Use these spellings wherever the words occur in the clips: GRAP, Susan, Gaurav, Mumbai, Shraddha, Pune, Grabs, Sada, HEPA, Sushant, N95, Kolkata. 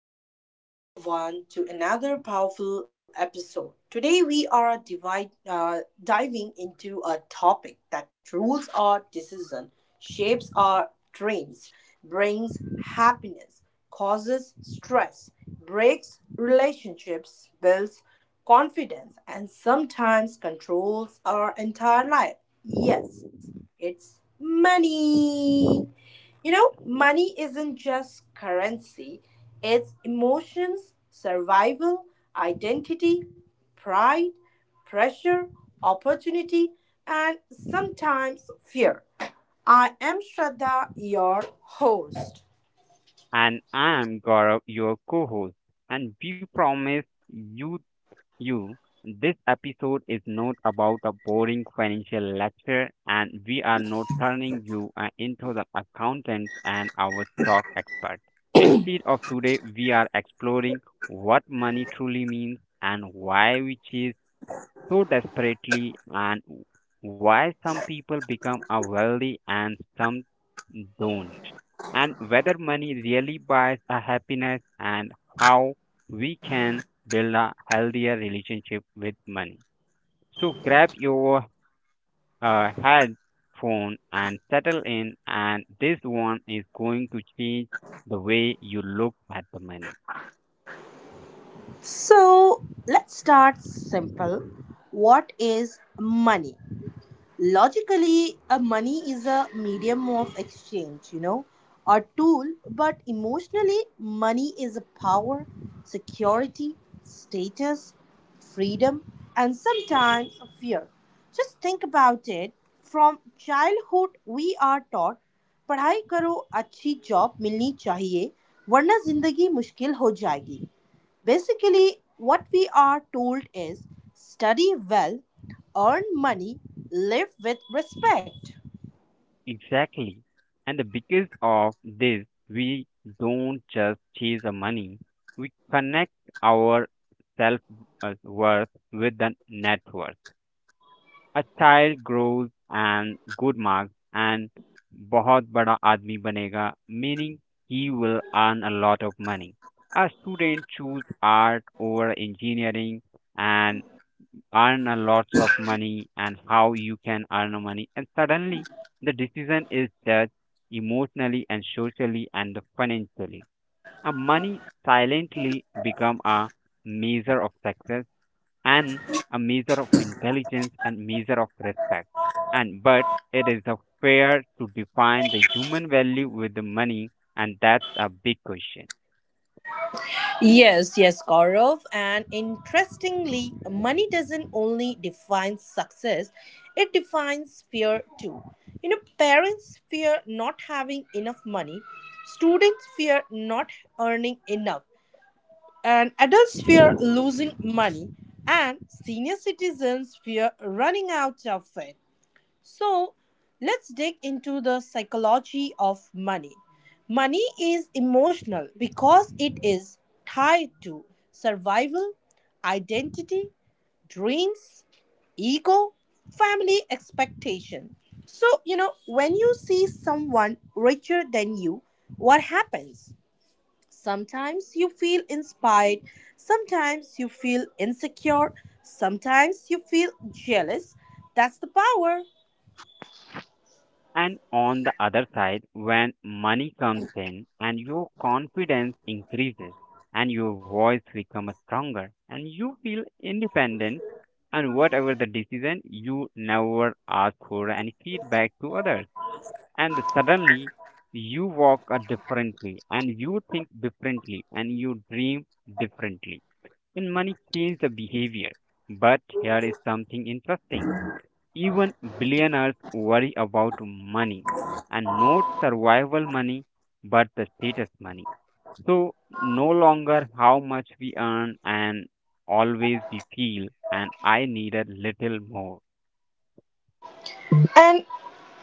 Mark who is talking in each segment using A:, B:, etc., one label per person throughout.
A: Welcome back, everyone, to another powerful episode. Today, we are diving into a topic that rules our decision, shapes our dreams, brings happiness, causes stress, breaks relationships, builds confidence, and sometimes controls our entire life. Yes, it's money. You know, money isn't just currency, it's emotions, survival, identity, pride, pressure, opportunity, and sometimes fear. I am Shraddha, your host.
B: And I'm Gaurav, your co host. And we promise you you this episode is not about a boring financial lecture, and we are not turning you into the accountant and our stock expert. Instead of today, we are exploring what money truly means and why we chase so desperately and why some people become a wealthy and some don't and whether money really buys a happiness and how we can build a healthier relationship with money. So grab your headphone and settle in, and this one is going to change the way you look at the money.
A: So, let's start simple. What is money? Logically, a money is a medium of exchange, you know, a tool, but emotionally, money is a power, security, status, freedom, and sometimes a fear. Just think about it. From childhood, we are taught पढ़ाई करो अच्छी job मिलनी चाहिए वरना जिंदगी मुश्किल हो जाएगी. Basically, what we are told is study well, earn money, live with respect.
B: Exactly. And the because of this, we don't just chase the money. We connect our self worth with the net worth. A child grows and good marks and बहुत बड़ा आदमी बनेगा, meaning he will earn a lot of money. A student choose art over engineering and earn a lots of money and how you can earn a money and suddenly the decision is judged emotionally and socially and financially. A money silently become a measure of success and a measure of intelligence and measure of respect, and but it is a fair to define the human value with the money, and that's a big question.
A: Yes, yes, Gaurav. And interestingly, money doesn't only define success, it defines fear too. You know, parents fear not having enough money, students fear not earning enough, and adults fear losing money, and senior citizens fear running out of it. So let's dig into the psychology of money. Money is emotional because it is tied to survival, identity, dreams, ego, family expectation. So, you know, when you see someone richer than you, what happens? Sometimes you feel inspired, sometimes you feel insecure, sometimes you feel jealous. That's the power.
B: And on the other side, when money comes in and your confidence increases and your voice becomes stronger and you feel independent, and whatever the decision, you never ask for any feedback to others. And suddenly you walk a differently and you think differently and you dream differently. And money changes the behavior. But here is something interesting. Even billionaires worry about money, and not survival money but the status money. So, no longer how much we earn, and always we feel, and I need a little more.
A: And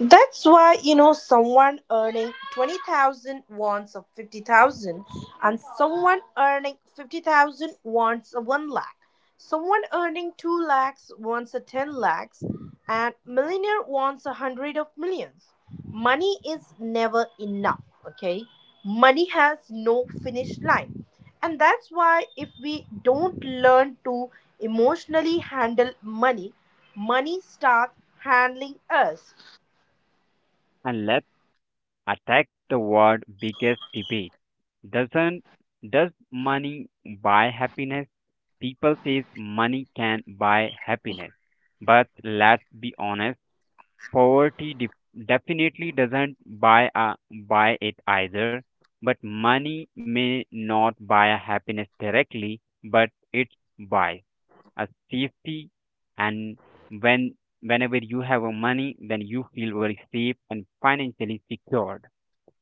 A: that's why, you know, someone earning 20,000 wants a 50,000 and someone earning 50,000 wants a 1 lakh. Someone earning 2 lakhs wants a 10 lakhs and millionaire wants a 100 of millions. Money is never enough, okay? Money has no finish line. And that's why if we don't learn to emotionally handle money, money starts handling us.
B: And let's attack the word biggest debate. Doesn't does money buy happiness? People says money can buy happiness, but let's be honest, poverty definitely doesn't buy a, buy it either, but money may not buy a happiness directly, but it buy a safety. And when whenever you have a money, then you feel very safe and financially secured,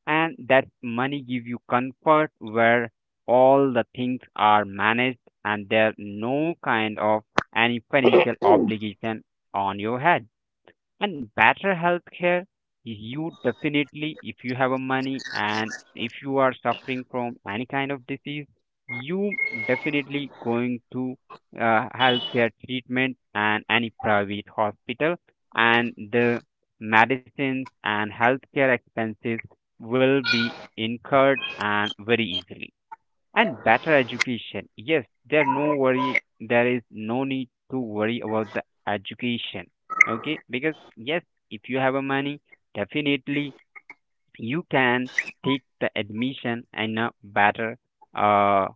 B: and that money give you comfort where all the things are managed and there no kind of any financial obligation on your head, and better healthcare. You definitely, if you have a money and if you are suffering from any kind of disease, you definitely going to healthcare treatment and any private hospital, and the medicines and healthcare expenses will be incurred and very easily, and better education. Yes, there no worry. There is no need to worry about the education. Okay, because yes, if you have a money, definitely you can take the admission in a better, uh,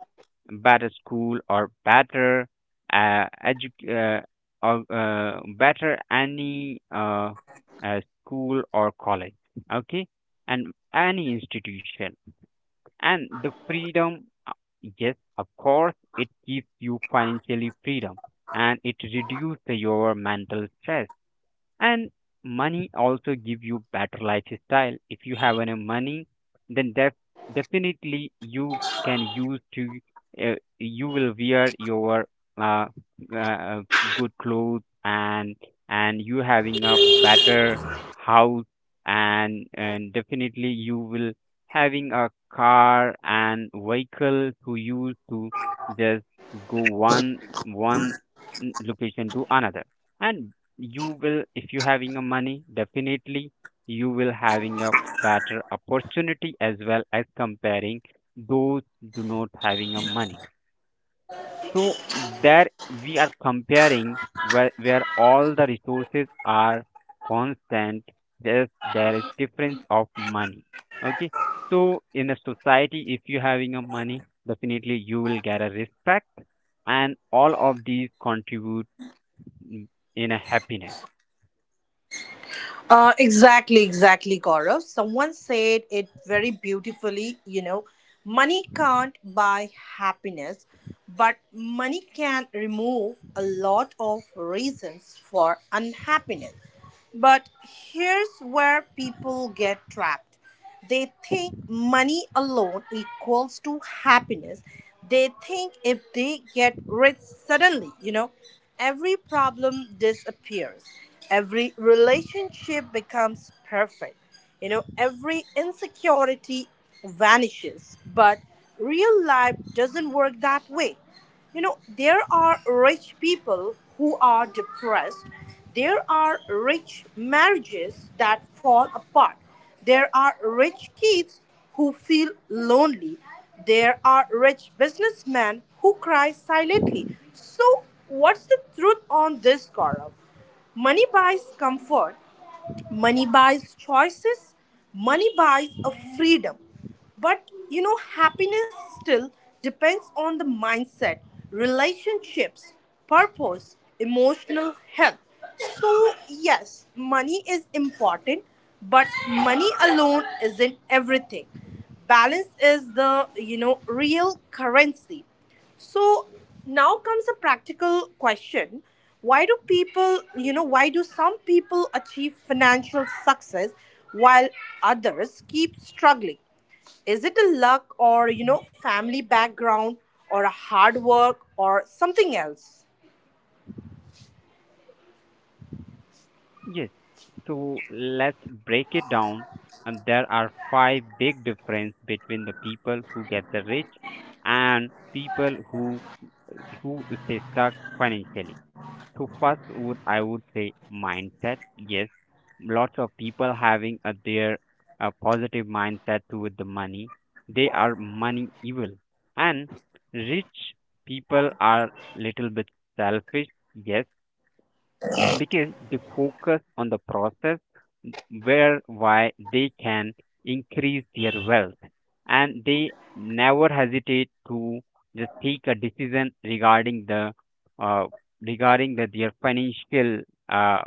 B: better school or better, edu- or better any uh, school or college. Okay, and any institution, and the freedom. Yes, of course it gives you financially freedom and it reduces your mental stress, and money also give you better lifestyle. If you have any money, then definitely you can use to you will wear your uh, uh, uh, good clothes, and you having a better house, and definitely you will having a car and vehicle to use to just go one location to another. And you will, if you having a money, definitely you will having a better opportunity as well as comparing those do not having a money. So there we are comparing where, all the resources are constant, there is difference of money. Okay, so in a society, if you having a money, definitely you will get a respect, and all of these contribute in a happiness.
A: Exactly, Gaurav. Someone said it very beautifully. You know, money can't buy happiness, but money can remove a lot of reasons for unhappiness. But here's where people get trapped. They think money alone equals to happiness. They think if they get rich suddenly, you know, every problem disappears. Every relationship becomes perfect. You know, every insecurity vanishes. But real life doesn't work that way. You know, there are rich people who are depressed, there are rich marriages that fall apart, there are rich kids who feel lonely, there are rich businessmen who cry silently. So what's the truth on this, Gaurav? Money buys comfort, money buys choices, money buys a freedom, but you know, happiness still depends on the mindset, relationships, purpose, emotional health. So yes, money is important, but money alone isn't everything. Balance is the, you know, real currency. So now comes a practical question. Why do people, you know, why do some people achieve financial success while others keep struggling? Is it a luck or, you know, family background or a hard work or something else?
B: Yes. So let's break it down. And there are five big difference between the people who get the rich and people who stay stuck financially. So first would I would say mindset. Yes, lots of people having a their a positive mindset toward the money. They are money evil. And rich people are little bit selfish. Yes, because they focus on the process where why they can increase their wealth, and they never hesitate to just take a decision uh, regarding the, uh,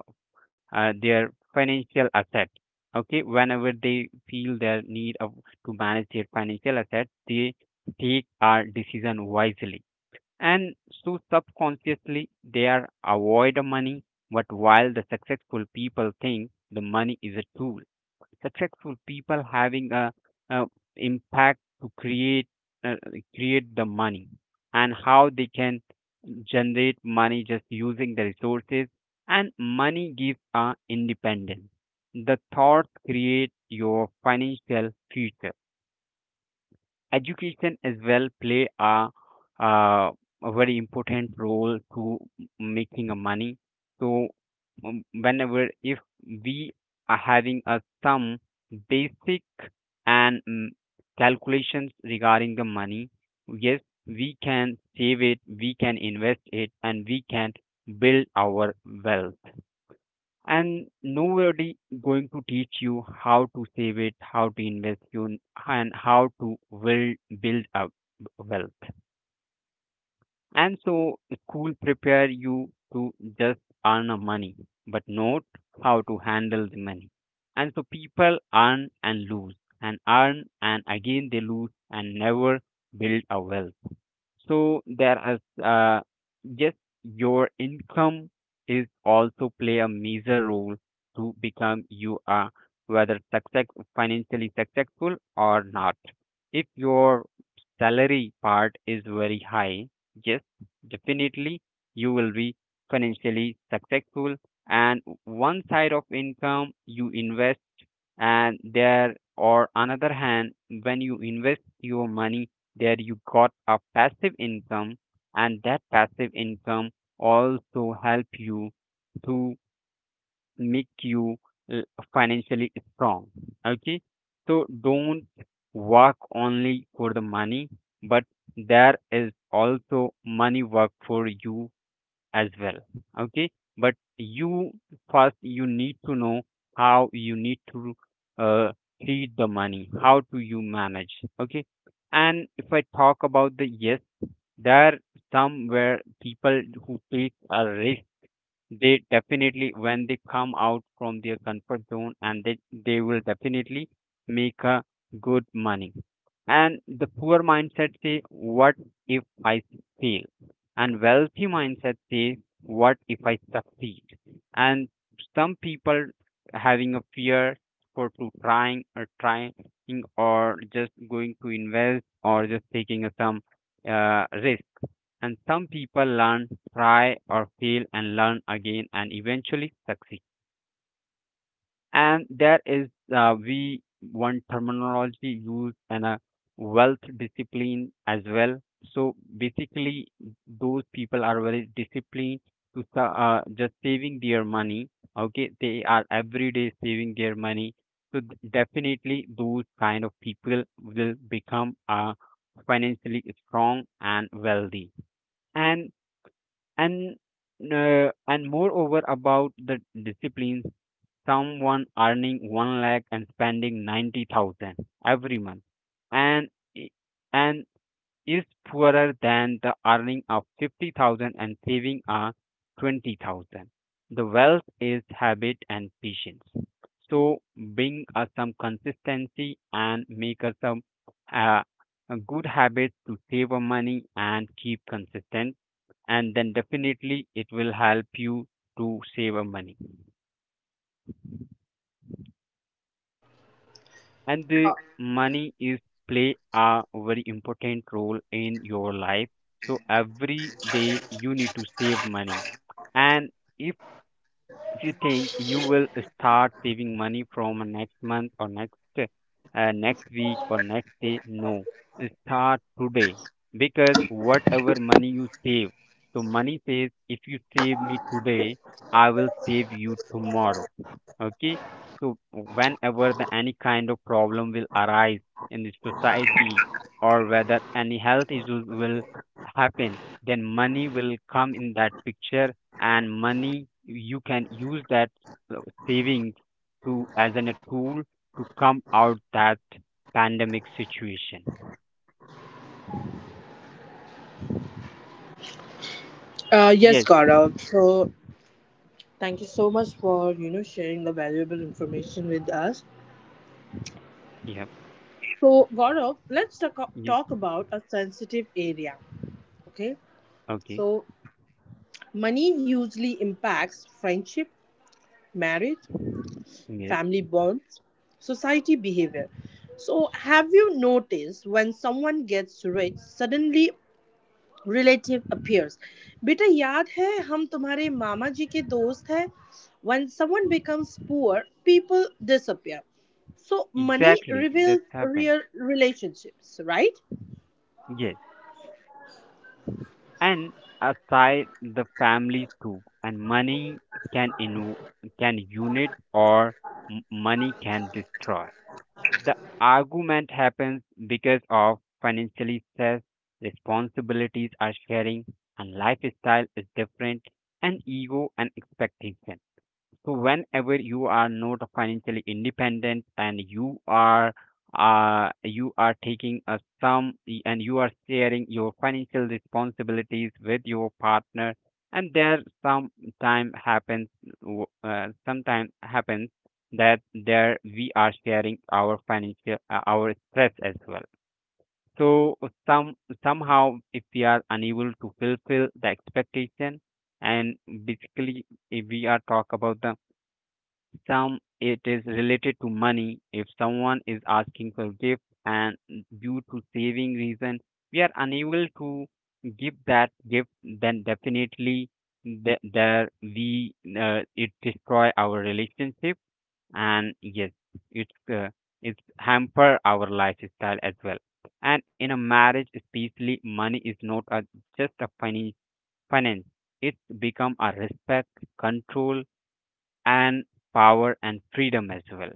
B: their financial asset. Okay, whenever they feel their need of to manage their financial asset, they take our decision wisely. And so subconsciously they are avoid money, but while the successful people think the money is a tool. Successful people having a impact to create uh, create the money and how they can generate money just using the resources, and money gives a independence. The thoughts create your financial future. Education as well play uh, a very important role to making a money. So whenever if we are having a some basic and calculations regarding the money, yes, we can save it, we can invest it, and we can build our wealth. And nobody going to teach you how to save it, how to invest you, and how to build up wealth. And so school prepare you to just earn a money but not how to handle the money. And so people earn and lose and earn and again they lose and never build a wealth. So there is yes, your income is also play a major role to become you are whether success financially successful or not. If your salary part is very high, yes, definitely you will be financially successful. And one side of income you invest, and there or another hand, when you invest your money, there you got a passive income, and that passive income also help you to make you uh, financially strong. Okay, so don't work only for the money, but there is also money work for you as well. Okay, but you first you need to know how you need to uh, treat the money, how do you manage. Okay. And if I talk about the, yes, there some where people who take a risk, they definitely, when they come out from their comfort zone, and they will definitely make a good money. And the poor mindset say, "What if I fail?" And wealthy mindset say, "What if I succeed?" And some people having a fear for to trying or just going to invest or just taking a some risk. And some people learn, try or fail and learn again and eventually succeed. And there is we one terminology used and a wealth discipline as well. So basically, those people are very disciplined to just saving their money. Okay, they are every day saving their money. So definitely, those kind of people will become financially strong and wealthy and and and moreover about the disciplines, someone earning 1 lakh and spending 90,000 every month, and i- and is poorer than the earning of 50,000 and saving a 20,000. The wealth is habit and patience. So bring us some consistency and make us some uh, good habits to save our money and keep consistent, and then definitely it will help you to save a money. And the money is play a very important role in your life. So every day you need to save money. And if if you think you will start saving money from next month or next next week or next day, no, start today, because whatever money you save, so money says, if you save me today, I will save you tomorrow. Okay, so whenever the any kind of problem will arise in the society, or whether any health issues will happen, then money will come in that picture, and money you can use that uh, savings to as an a tool to come out that pandemic situation.
C: Yes,
B: Yes.
C: Gaurav. So thank you so much for sharing the valuable information with us.
B: Yep.
C: So Gaurav, let's talk,
B: Yes.
C: talk about a sensitive area. Okay,
B: Okay.
C: so money usually impacts friendship, marriage,
B: Yes,
C: family bonds, society behavior. So have you noticed when someone gets rich, suddenly relative appears. बेटा याद है हम तुम्हारे मामा जी के दोस्त हैं When someone becomes poor, people disappear. So money
B: exactly,
C: reveals
B: that's happened.
C: real relationships, right?
B: Yes. And aside the family too, and money can in can unit or money can destroy. The argument happens because of financial stress, responsibilities are sharing, and lifestyle is different, and ego and expectation. So whenever you are not financially independent and you are taking a sum and you are sharing your financial responsibilities with your partner, and there sometime happens sometime happens that there we are sharing our financial our stress as well. So some somehow if we are unable to fulfill the expectation, and basically if we are talk about the some, it is related to money. If someone is asking for gift and due to saving reason we are unable to give that gift, then definitely there we it destroy our relationship. And yes, it's uh, it's hamper our lifestyle as well. And in a marriage, especially, money is not a, just a finance. Finance, it's become a respect, control, and power and freedom as well.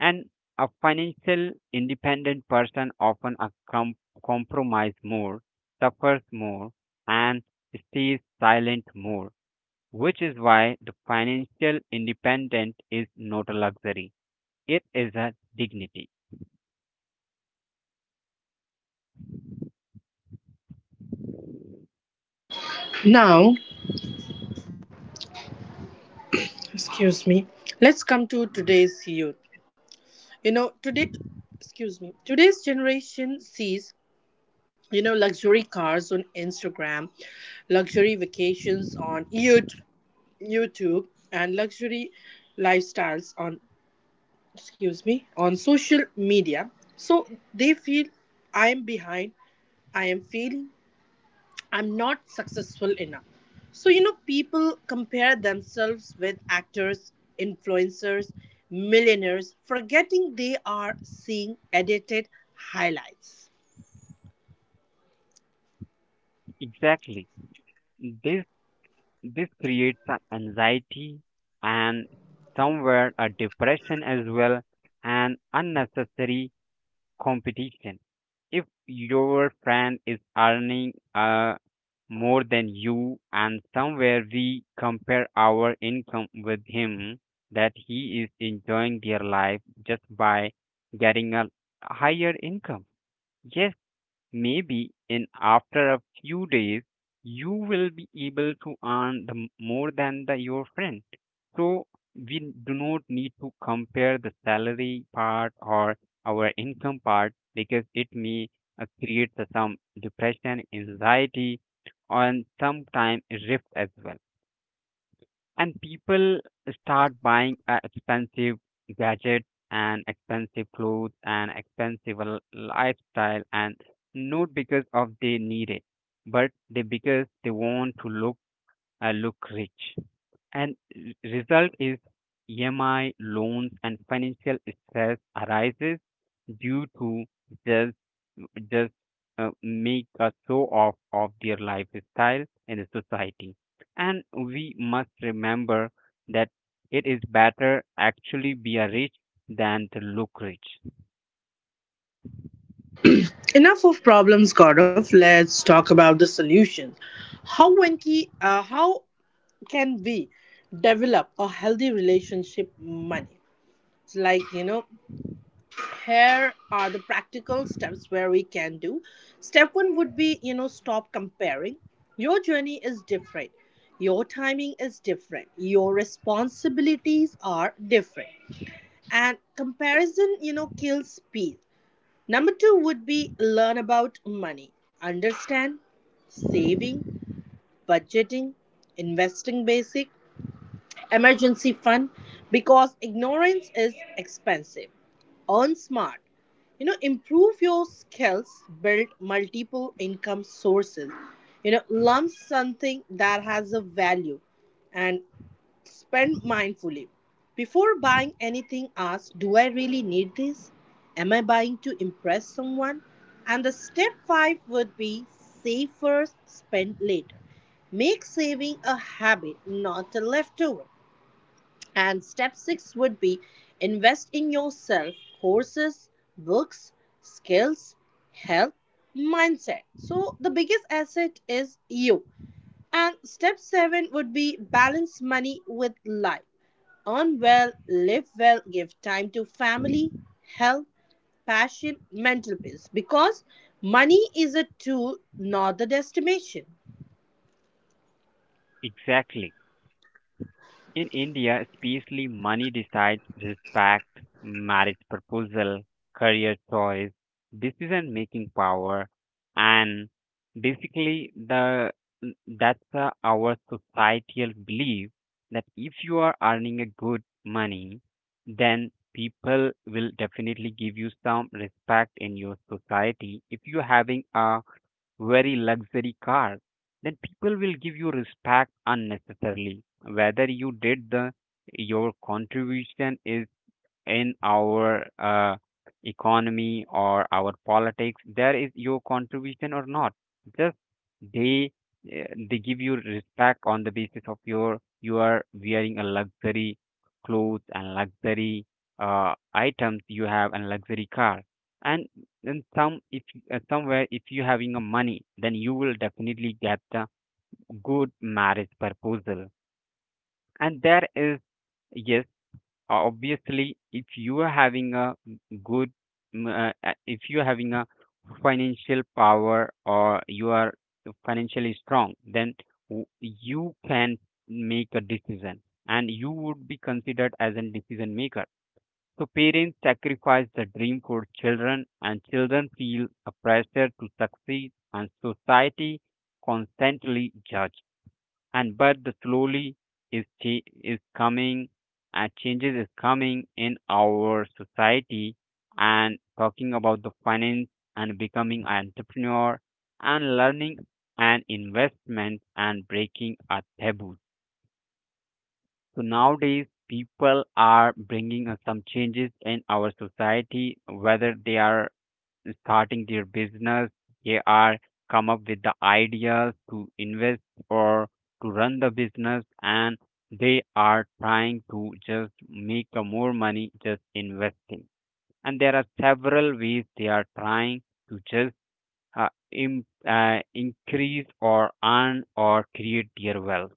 B: And a financial independent person often a compromise more, suffers more, and stays silent more, which is why the financial independent is not a luxury. It is a dignity.
C: Now, excuse me, let's come to
B: This-
C: today's youth. You know, today, excuse me, today's generation sees, you know, luxury cars on Instagram, luxury vacations on YouTube, and luxury lifestyles on, excuse me, on social media. So they feel, I am behind, I am failing, I'm not successful enough. So, you know, people compare themselves with actors, influencers, millionaires, forgetting they are seeing edited highlights.
B: Exactly. This this creates a anxiety and somewhere a depression as well and unnecessary competition. If your friend is earning more than you and somewhere we compare our income with him, that he is enjoying their life just by getting a higher income. Yes. Maybe in after a few days, you will be able to earn the more than your friend. So we do not need to compare the salary part or our income part because it may create the some depression, anxiety, and sometimes rift as well and people start buying expensive gadgets and expensive clothes and expensive lifestyle and not because of they need it but they because they want to look look rich and result is EMI loans and financial stress arises due to just just make a show off of their lifestyle in the society and we must remember that it is better actually be a rich than to look rich.
C: Enough of problems, Gaurav. Let's talk about the solutions. How, how can we develop a healthy relationship money? It's like, you know, here are the practical steps where we can do. Step one would be, you know, stop comparing. Your journey is different, your timing is different, your responsibilities are different, and comparison, you know, kills peace. Number two would be learn about money. Understand saving, budgeting, investing basic, emergency fund, because ignorance is expensive. Earn smart, you know, improve your skills, build multiple income sources, you know, learn something that has a value. And spend mindfully. Before buying anything, ask, do I really need this? Am I buying to impress someone? And the step 5 would be save first, spend later. Make saving a habit, not a leftover. And step six would be invest in yourself, courses, books, skills, health, mindset. So the biggest asset is you. And step seven would be balance money with life. Earn well, live well, give time to family, health, passion, mental peace. Because money is a tool, not the destination.
B: Exactly. In India, especially, money decides respect, marriage proposal, career choice, decision making power, and basically the that's our societal belief that if you are earning a good money, then people will definitely give you some respect in your society. If you're having a very luxury car, then people will give you respect unnecessarily. Whether you did the your contribution is in our economy or our politics there is your contribution or not just they uh, they give you respect on the basis of your you are wearing a luxury clothes and luxury items you have and luxury car and then some if somewhere if you having a money then you will definitely get the good marriage proposal and there is yes obviously, if you are having a good, if you are having a financial power or you are financially strong, then you can make a decision and you would be considered as a decision maker. So parents sacrifice the dream for children and children feel a pressure to succeed and society constantly judge and but the slowly is is coming and changes is coming in our society and talking about the finance and becoming an entrepreneur and learning and investment and breaking a taboo so nowadays people are bringing us some changes in our society whether they are starting their business, they are come up with the ideas to invest or to run the business and they are trying to just make a more money just investing. And there are several ways they are trying to just increase or earn or create their wealth.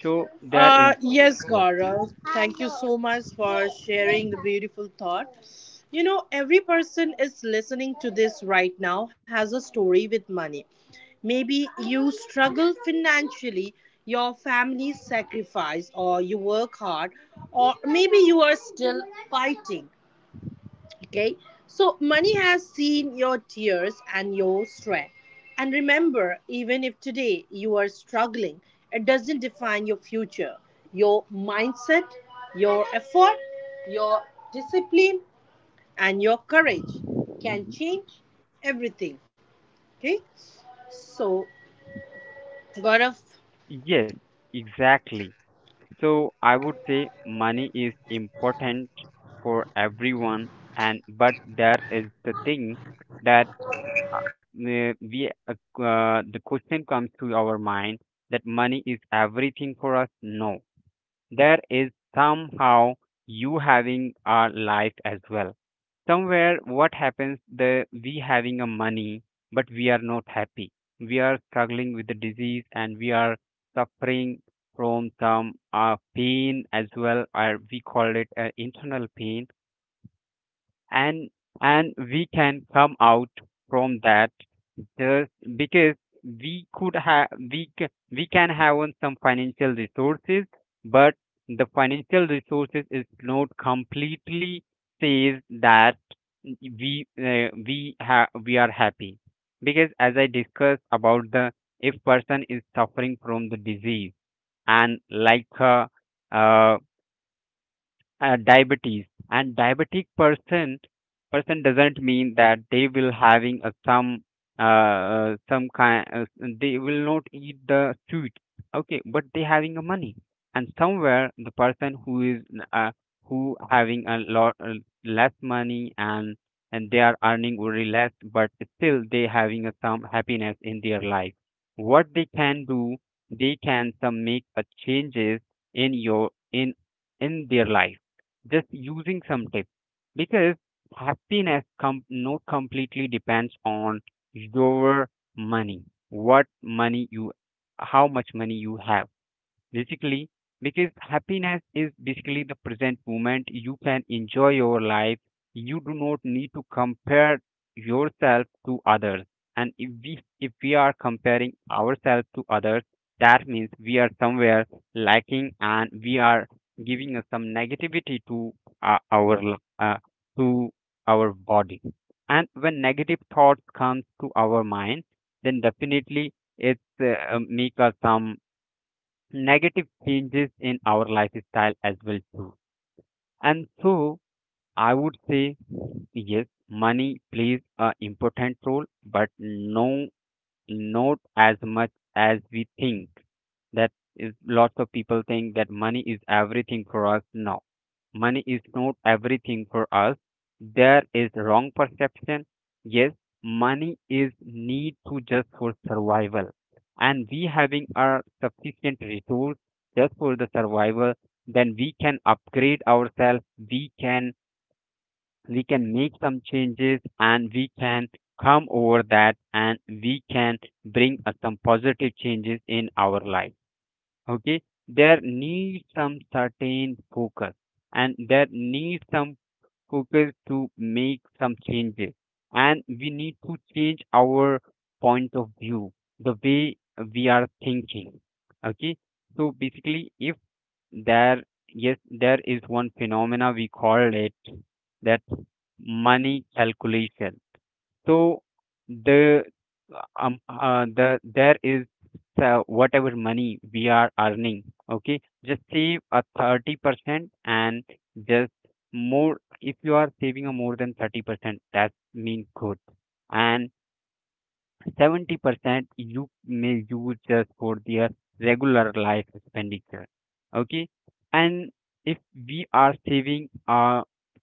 B: So there is,
C: Yes,
B: yeah,
C: Gaurav. Thank you so much for sharing the beautiful thought. You know, every person is listening to this right now has a story with money. Maybe you struggle financially, your family sacrifice, or you work hard, or maybe you are still fighting. Okay, so money has seen your tears and your strength. And remember, even if today you are struggling, it doesn't define your future. Your mindset, your effort, your discipline, and your courage can change everything. Okay, so Gaurav,
B: yes, exactly. So I would say money is important for everyone, and but there is the thing that we the question comes to our mind that money is everything for us. No, there is somehow you having a life as well somewhere what happens the we having a money but we are not happy we are struggling with the disease and we are suffering from some pain as well or we call it internal pain and and we can come out from that. Yes, because we could have we can have on some financial resources, but the financial resources is not completely says that we have we are happy because as I discussed about the if person is suffering from the disease and like uh, diabetes and diabetic person doesn't mean that they will having a some kind they will not eat the sweet. Okay but they having a money and somewhere the person who is uh, who having a lot less money and they are earning very less but still they having a, some happiness in their life what they can do they can some make a changes in your in their life just using some tips because happiness not completely depends on your money what money you how much money you have basically because happiness is basically the present moment you can enjoy your life you do not need to compare yourself to others and if we are comparing ourselves to others that means we are somewhere lacking and we are giving us some negativity to our l- to our body and when negative thoughts come to our mind then definitely it's make us some negative changes in our lifestyle as well too. And so I would say yes, money plays a important role, but no not as much as we think. That is, lots of people think that money is everything for us. No, money is not everything for us. There is wrong perception. Yes, money is need to just for survival, and we having our sufficient resource just for the survival, then we can upgrade ourselves. We can we can make some changes and we can come over that and we can bring some positive changes in our life. Okay, there needs some certain focus and there needs some focus to make some changes and we need to change our point of view the way we are thinking. Okay, so basically if there yes there is one phenomena we call it that money calculation. So the the there is whatever money we are earning, okay just save a 30% and just more if you are saving a more than 30% that means good and 70% you may use just for their regular life expenditure. Okay, and if we are saving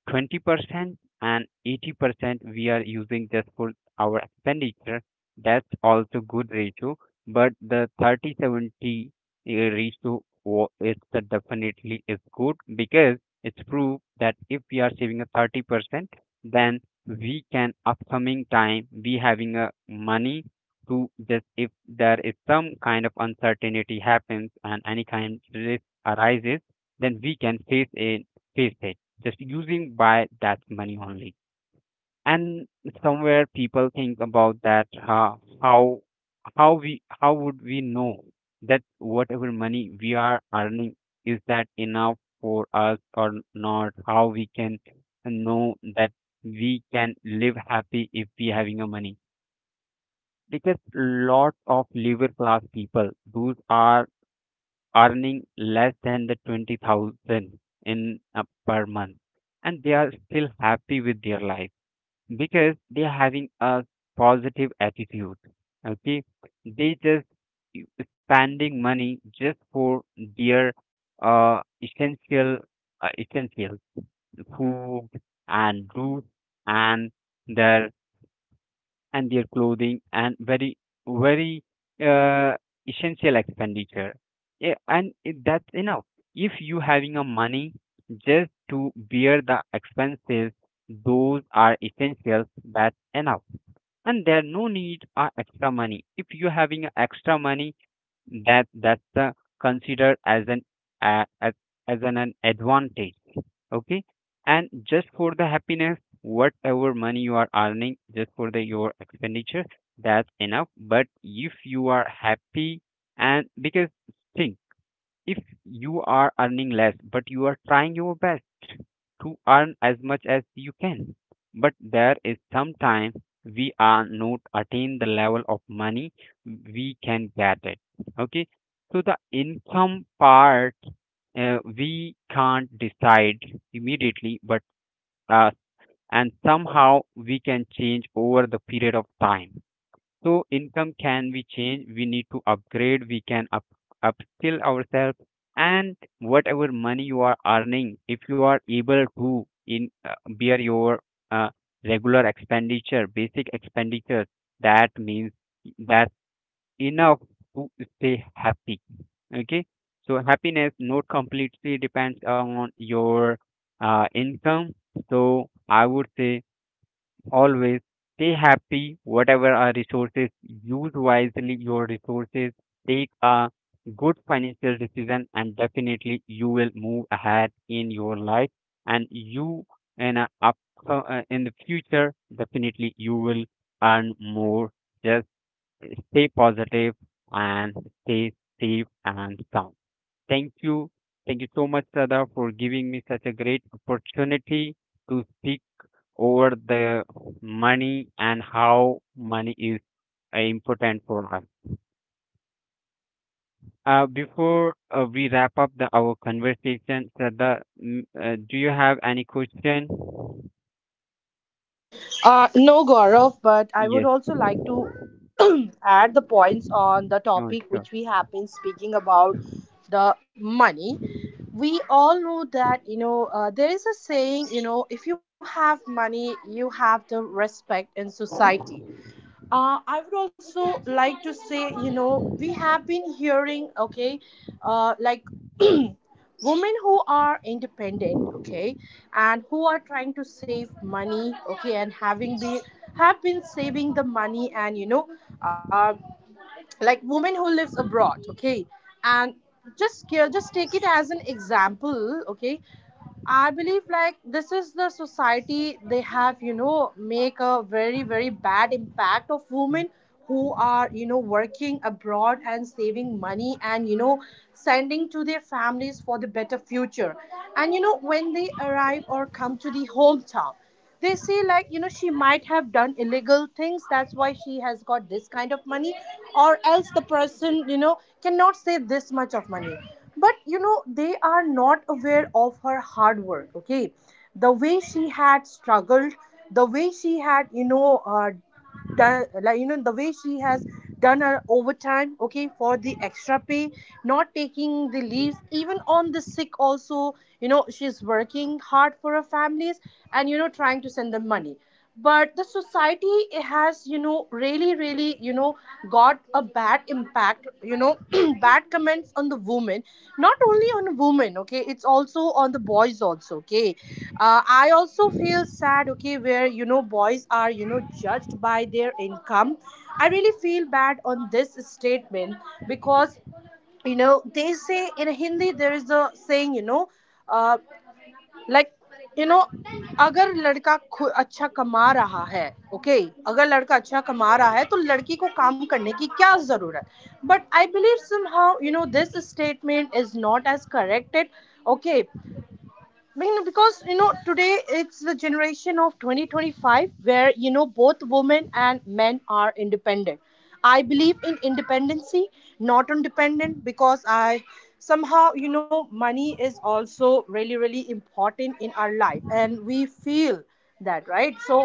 B: 20% and 80% we are using just for our expenditure, that's also good ratio. But the 30 70 is the definitely is good because it's proof that if we are saving a 30%, then we can upcoming time be having a money to just if there is some kind of uncertainty happens and any kind risk arises then we can face it just using by that money only and somewhere people think about that how how we how would we know that whatever money we are earning is that enough for us or not how we can know that we can live happy if we having a money because lot of labor class people those are earning less than the 20,000 in per month and they are still happy with their life because they're having a positive attitude. Okay, they just u- spending money just for their uh, essential essentials, food and roof and their their clothing and very uh, essential expenditure. Yeah, and that's enough. If you having a money just to bear the expenses, those are essentials. That's enough and there no need extra money if you're having a extra money that that's considered as an uh, as, an advantage. Okay, and just for the happiness whatever money you are earning just for the your expenditure that's enough but if you are happy and because think if you are earning less but you are trying your best to earn as much as you can but there is sometimes we are not attain the level of money we can get it. Okay, so the income part we can't decide immediately but uh, and somehow we can change over the period of time so income can be changed. We need to upgrade. We can up upskill ourselves. And whatever money you are earning, if you are able to in bear your uh, regular expenditure, basic expenditure, that means that's enough to stay happy. Okay. So happiness not completely depends on your income. So I would say always stay happy, whatever are resources, use wisely your resources, take a good financial decision, and definitely you will move ahead in your life. And you in a up in the future, definitely you will earn more. Just stay positive and stay safe and sound. Thank you. Thank you so much, Sada, for giving me such a great opportunity to speak over the money and how money is important for us. Before we wrap up our conversation, Shraddha, do you have any question?
C: No, Gaurav, but I would
B: Yes.
C: also like to
B: No,
C: add the points on the topic
B: sure.
C: which we have been speaking about the money. We all know that, you know, there is a saying, you know, if you have money, you have the respect in society. I would also like to say, you know, we have been hearing, okay, like, women who are independent, okay, and who are trying to save money, okay, and having been have been saving the money, and you know, uh, like women who lives abroad, okay, and just take it as an example, okay. I believe like this is the society they have, you know, make a very, very bad impact of women who are, you know, working abroad and saving money and, you know, sending to their families for the better future. And, you know, when they arrive or come to the hometown, they say, like, you know, she might have done illegal things, that's why she has got this kind of money, or else the person, you know, cannot save this much of money. But, you know, they are not aware of her hard work, okay, the way she had struggled, the way she had, you know, done, like, you know, the way she has done her overtime, okay, for the extra pay, not taking the leaves even on the sick also. You know, she's working hard for her families, and, you know, trying to send them money, but the society has, you know, really really, you know, got a bad impact, you know, bad comments on the women, not only on women, okay, it's also on the boys also, okay. I also feel sad, okay, where, you know, boys are, you know, judged by their income. I really feel bad on this statement, because, you know, they say in Hindi, there is a saying, you know, uh, like you know अगर लड़का खु- अच्छा कमा रहा है, okay, okay? अगर लड़का अच्छा कमा रहा है तो लड़की को काम करने की क्या जरूरत. But I believe somehow you know this statement is not as corrected, okay, mean, because, you know, today it's the generation of 2025 where, you know, both women and men are independent. I believe in independency, not on dependent, because I, somehow, you know, money is also really really important in our life and we feel that, right? So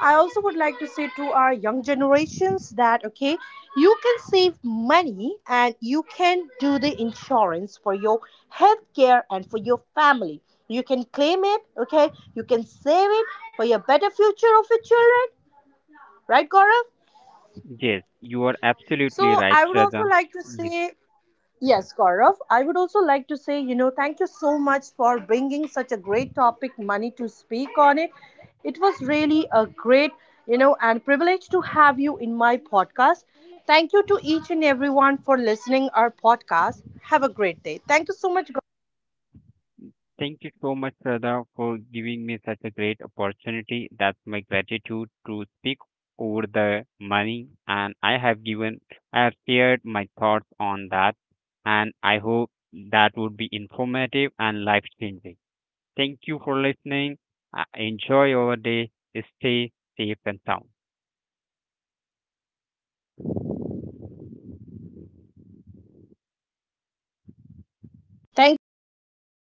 C: I also would like to say to our young generations that, okay, you can save money and you can do the insurance for your health care and for your family, you can claim it, okay, you can save it for your better future of your children, right, Gaurav?
B: Yes, you are
C: So
B: absolutely right,
C: I would also
B: Shraddha.
C: like to say, yes, Gaurav. I would also like to say, you know, thank you so much for bringing such a great topic, money, to speak on it. It was really a great, you know, and privilege to have you in my podcast. Thank you to each and everyone for listening our podcast. Have a great day. Thank you so much, Gaurav.
B: Thank you so much, Shraddha, for giving me such a great opportunity. That's my gratitude to speak over the money, and I have given, I have shared my thoughts on that, and I hope that would be informative and life changing. Thank you for listening. Enjoy your day. Stay safe and sound.
C: Thank you so much, Gaurav.